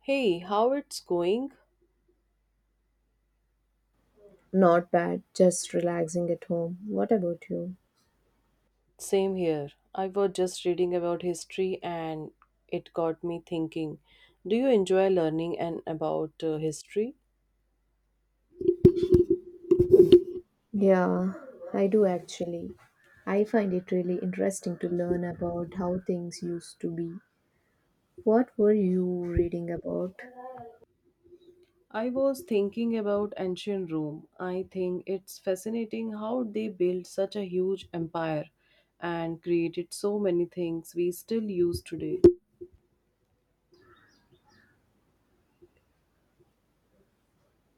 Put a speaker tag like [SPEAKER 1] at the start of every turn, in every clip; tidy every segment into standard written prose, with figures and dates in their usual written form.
[SPEAKER 1] Hey, how it's going?
[SPEAKER 2] Not bad, just relaxing at home. What about you?
[SPEAKER 1] Same here. I was just reading about history, and it got me thinking. Do you enjoy learning and about history?
[SPEAKER 2] Yeah, I do actually. I find it really interesting to learn about how things used to be. What were you reading about?
[SPEAKER 1] I was thinking about ancient Rome. I think it's fascinating how they built such a huge empire and created so many things we still use today.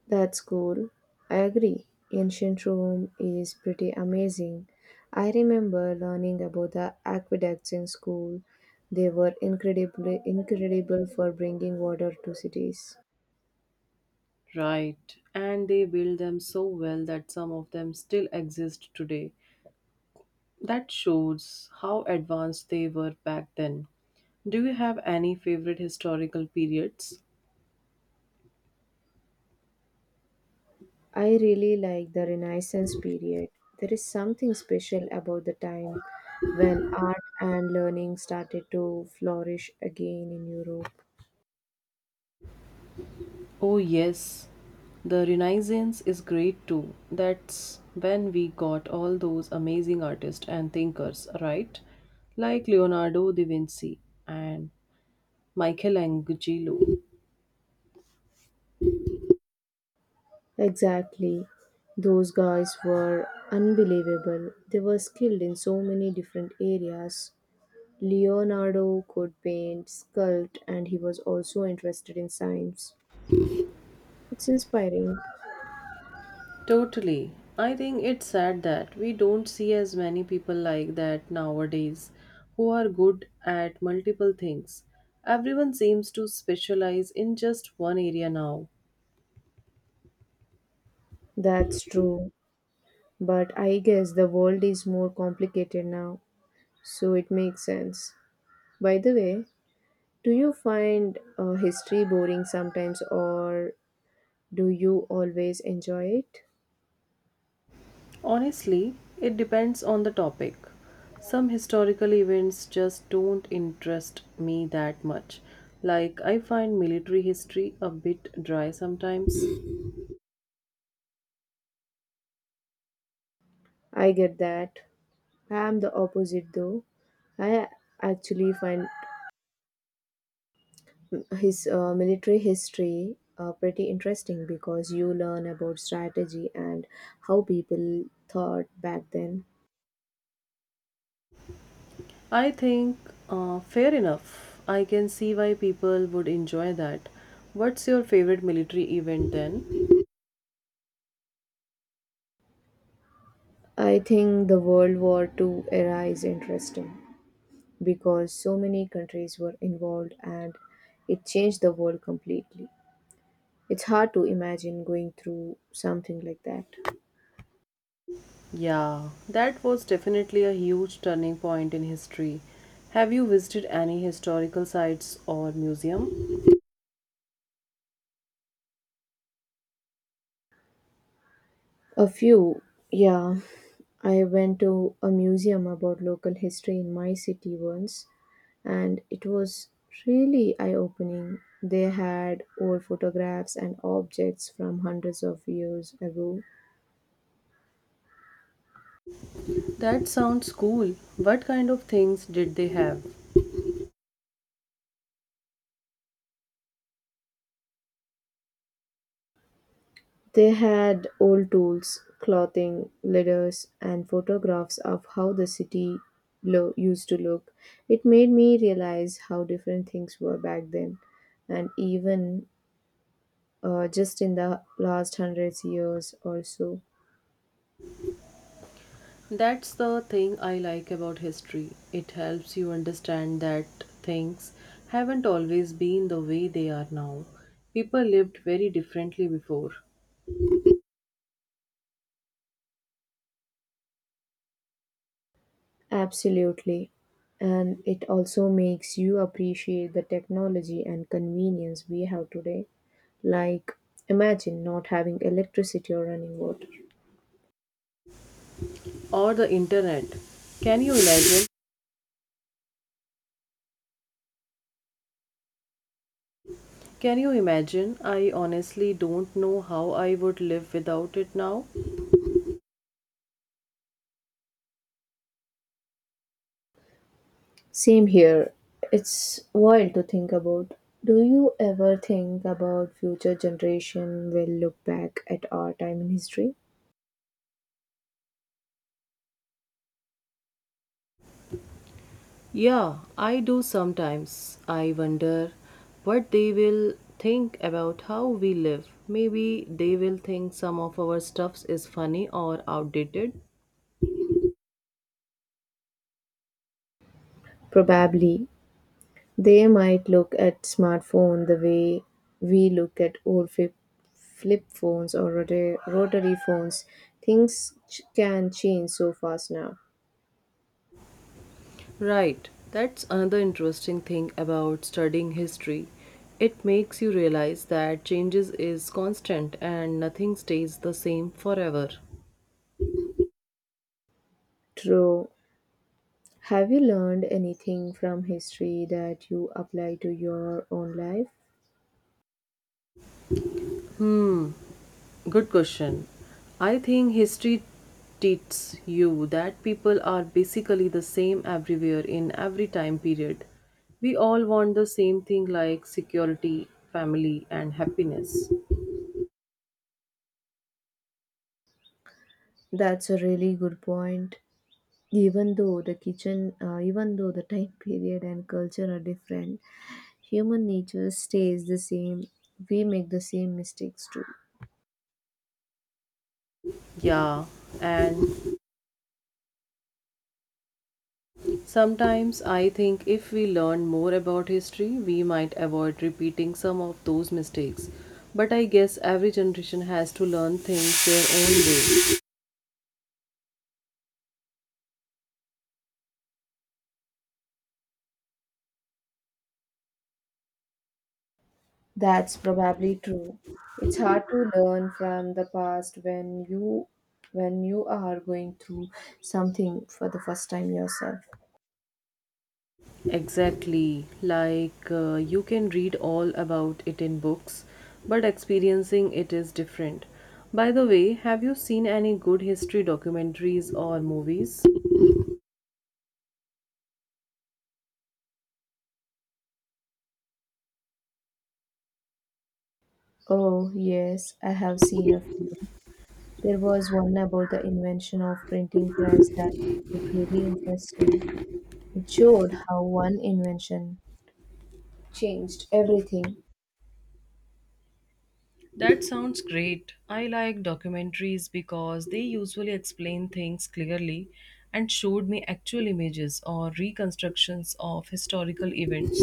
[SPEAKER 2] That's cool. I agree. Ancient Rome is pretty amazing. I remember learning about the aqueducts in school. They were incredibly incredible for bringing water to cities.
[SPEAKER 1] Right. And they built them so well that some of them still exist today. That shows how advanced they were back then. Do you have any favorite historical periods?
[SPEAKER 2] I really like the Renaissance period. There is something special about the time when art and learning started to flourish again in Europe.
[SPEAKER 1] Oh, yes. The Renaissance is great too. That's when we got all those amazing artists and thinkers, right? Like Leonardo da Vinci and Michelangelo.
[SPEAKER 2] Exactly. Those guys were unbelievable. They were skilled in so many different areas. Leonardo could paint, sculpt, and he was also interested in science. It's inspiring.
[SPEAKER 1] Totally. I think it's sad that we don't see as many people like that nowadays who are good at multiple things. Everyone seems to specialize in just one area now.
[SPEAKER 2] That's true. But I guess the world is more complicated now, so it makes sense. By the way, do you find history boring sometimes, or do you always enjoy it?
[SPEAKER 1] Honestly, it depends on the topic. Some historical events just don't interest me that much. Like, I find military history a bit dry sometimes.
[SPEAKER 2] I get that. I am the opposite though. I actually find his military history, pretty interesting, because you learn about strategy and how people thought back then.
[SPEAKER 1] I think, fair enough, I can see why people would enjoy that. What's your favorite military event then?
[SPEAKER 2] I think the World War Two era is interesting because so many countries were involved and it changed the world completely. It's hard to imagine going through something like that.
[SPEAKER 1] Yeah, that was definitely a huge turning point in history. Have you visited any historical sites or museum?
[SPEAKER 2] A few, yeah. I went to a museum about local history in my city once, and it was really eye opening. They had old photographs and objects from hundreds of years ago.
[SPEAKER 1] That sounds cool. What kind of things did they have?
[SPEAKER 2] They had old tools, clothing, letters, and photographs of how the city used to look. It made me realize how different things were back then, and even just in the last hundreds years or so.
[SPEAKER 1] That's the thing I like about history. It helps you understand that things haven't always been the way they are now. People lived very differently before.
[SPEAKER 2] Absolutely. And it also makes you appreciate the technology and convenience we have today. Like, imagine not having electricity or running water.
[SPEAKER 1] Or the internet. Can you imagine? Can you imagine? I honestly don't know how I would live without it now.
[SPEAKER 2] Same here. It's wild to think about. Do you ever think about future generation will look back at our time in history?
[SPEAKER 1] Yeah, I do sometimes. I wonder what they will think about how we live. Maybe they will think some of our stuffs is funny or outdated.
[SPEAKER 2] Probably. They might look at smartphone the way we look at old flip phones or rotary phones. Things can change so fast now.
[SPEAKER 1] Right, that's another interesting thing about studying history. It makes you realize that changes is constant and nothing stays the same forever.
[SPEAKER 2] True. Have you learned anything from history that you apply to your own life?
[SPEAKER 1] Hmm, good question. I think history teaches you that people are basically the same everywhere in every time period. We all want the same thing like security, family, and happiness.
[SPEAKER 2] That's a really good point. Even though the time period and culture are different, human nature stays the same. We make the same mistakes too.
[SPEAKER 1] Yeah, and sometimes I think if we learn more about history, we might avoid repeating some of those mistakes. But I guess every generation has to learn things their own way.
[SPEAKER 2] That's probably true. It's hard to learn from the past when you are going through something for the first time yourself.
[SPEAKER 1] Exactly. Like you can read all about it in books, but experiencing it is different. By the way, have you seen any good history documentaries or movies?
[SPEAKER 2] Oh, yes, I have seen a few. There was one about the invention of printing press that I found really interesting. It showed how one invention changed everything.
[SPEAKER 1] That sounds great. I like documentaries because they usually explain things clearly and showed me actual images or reconstructions of historical events.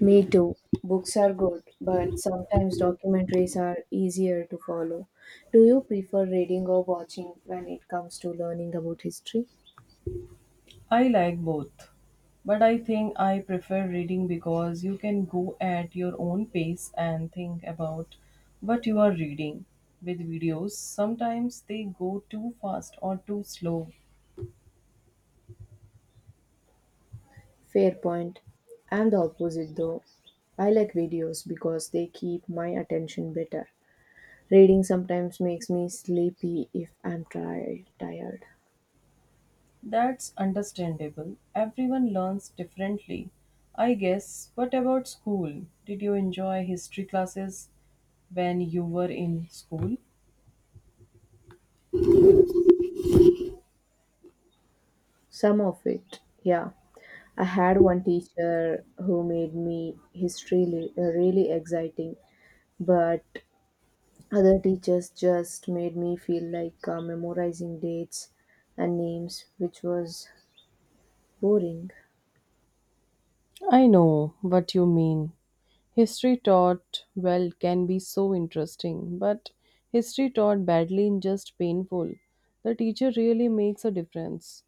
[SPEAKER 2] Me too. Books are good, but sometimes documentaries are easier to follow. Do you prefer reading or watching when it comes to learning about history?
[SPEAKER 1] I like both, but I think I prefer reading because you can go at your own pace and think about what you are reading. With videos, sometimes they go too fast or too slow.
[SPEAKER 2] Fair point. I'm the opposite though. I like videos because they keep my attention better. Reading sometimes makes me sleepy if I'm tired.
[SPEAKER 1] That's understandable. Everyone learns differently. I guess, what about school? Did you enjoy history classes when you were in school?
[SPEAKER 2] Some of it, yeah. I had one teacher who made me history really exciting, but other teachers just made me feel like, memorizing dates and names, which was boring.
[SPEAKER 1] I know what you mean. History taught well can be so interesting, but history taught badly is just painful. The teacher really makes a difference.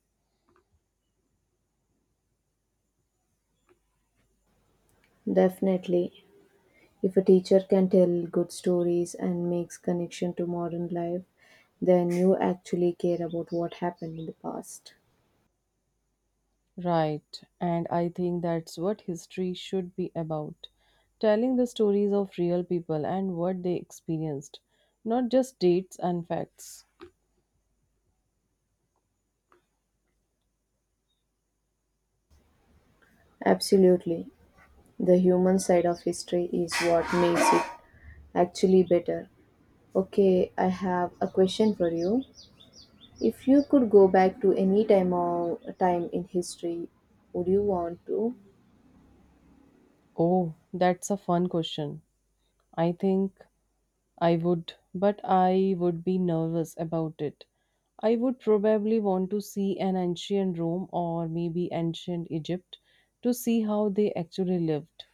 [SPEAKER 2] Definitely, if a teacher can tell good stories and makes connection to modern life, then you actually care about what happened in the past.
[SPEAKER 1] Right, and I think that's what history should be about, telling the stories of real people and what they experienced, not just dates and facts.
[SPEAKER 2] Absolutely. The human side of history is what makes it actually better. Okay, I have a question for you. If you could go back to any time or time in history, would you want to?
[SPEAKER 1] Oh, that's a fun question. I think I would, but I would be nervous about it. I would probably want to see an ancient Rome or maybe ancient Egypt to see how they actually lived.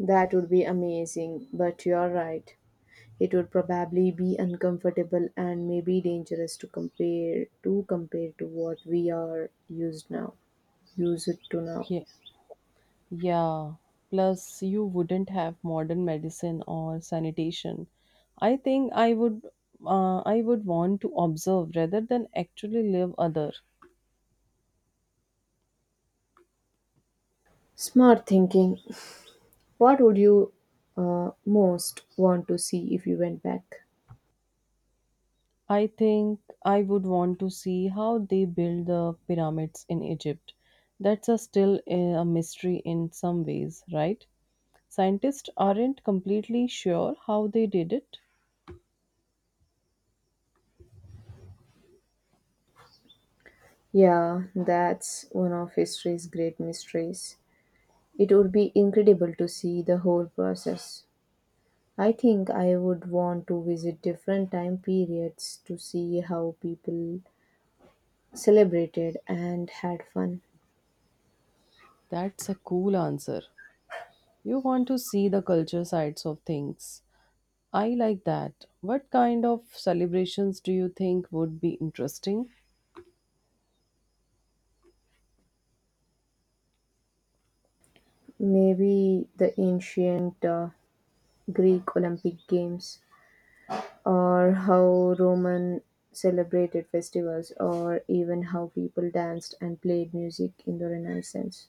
[SPEAKER 2] That would be amazing, but you're right. It would probably be uncomfortable and maybe dangerous to compare to what we are used to now.
[SPEAKER 1] Yeah, yeah. Plus, you wouldn't have modern medicine or sanitation. I think I would want to observe rather than actually live other.
[SPEAKER 2] Smart thinking. What would you most want to see if you went back?
[SPEAKER 1] I think I would want to see how they build the pyramids in Egypt. That's a still a mystery in some ways, right? Scientists aren't completely sure how they did it.
[SPEAKER 2] Yeah, that's one of history's great mysteries. It would be incredible to see the whole process. I think I would want to visit different time periods to see how people celebrated and had fun.
[SPEAKER 1] That's a cool answer. You want to see the culture sides of things. I like that. What kind of celebrations do you think would be interesting?
[SPEAKER 2] Maybe the ancient Greek Olympic Games, or how Roman celebrated festivals, or even how people danced and played music in the Renaissance.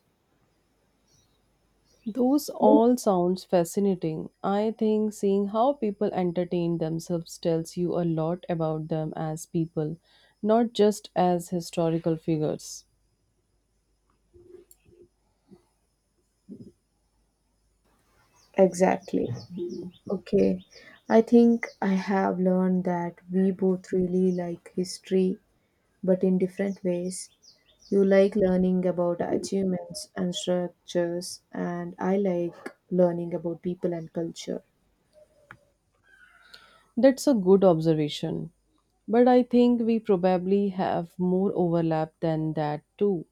[SPEAKER 1] Those all sounds fascinating. I think seeing how people entertain themselves tells you a lot about them as people, not just as historical figures.
[SPEAKER 2] Exactly. Okay. I think I have learned that we both really like history, but in different ways. You like learning about achievements and structures, and I like learning about people and culture.
[SPEAKER 1] That's a good observation. But I think we probably have more overlap than that too.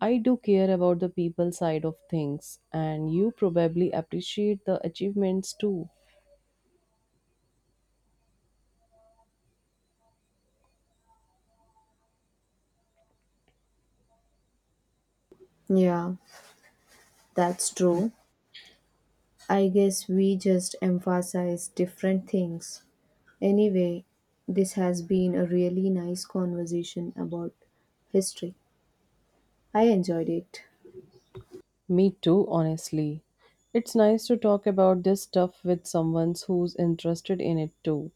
[SPEAKER 1] I do care about the people side of things, and you probably appreciate the achievements too.
[SPEAKER 2] Yeah, that's true. I guess we just emphasize different things. Anyway, this has been a really nice conversation about history. I enjoyed it.
[SPEAKER 1] Me too, honestly. It's nice to talk about this stuff with someone who's interested in it too.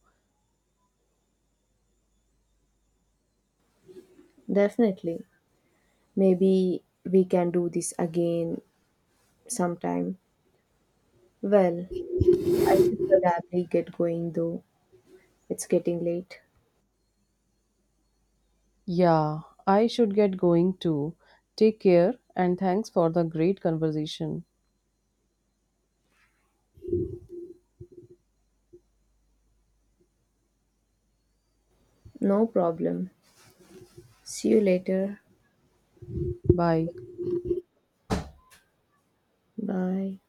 [SPEAKER 2] Definitely. Maybe we can do this again sometime. Well, I should probably get going though. It's getting late.
[SPEAKER 1] Yeah, I should get going too. Take care and thanks for the great conversation.
[SPEAKER 2] No problem. See you later.
[SPEAKER 1] Bye.
[SPEAKER 2] Bye.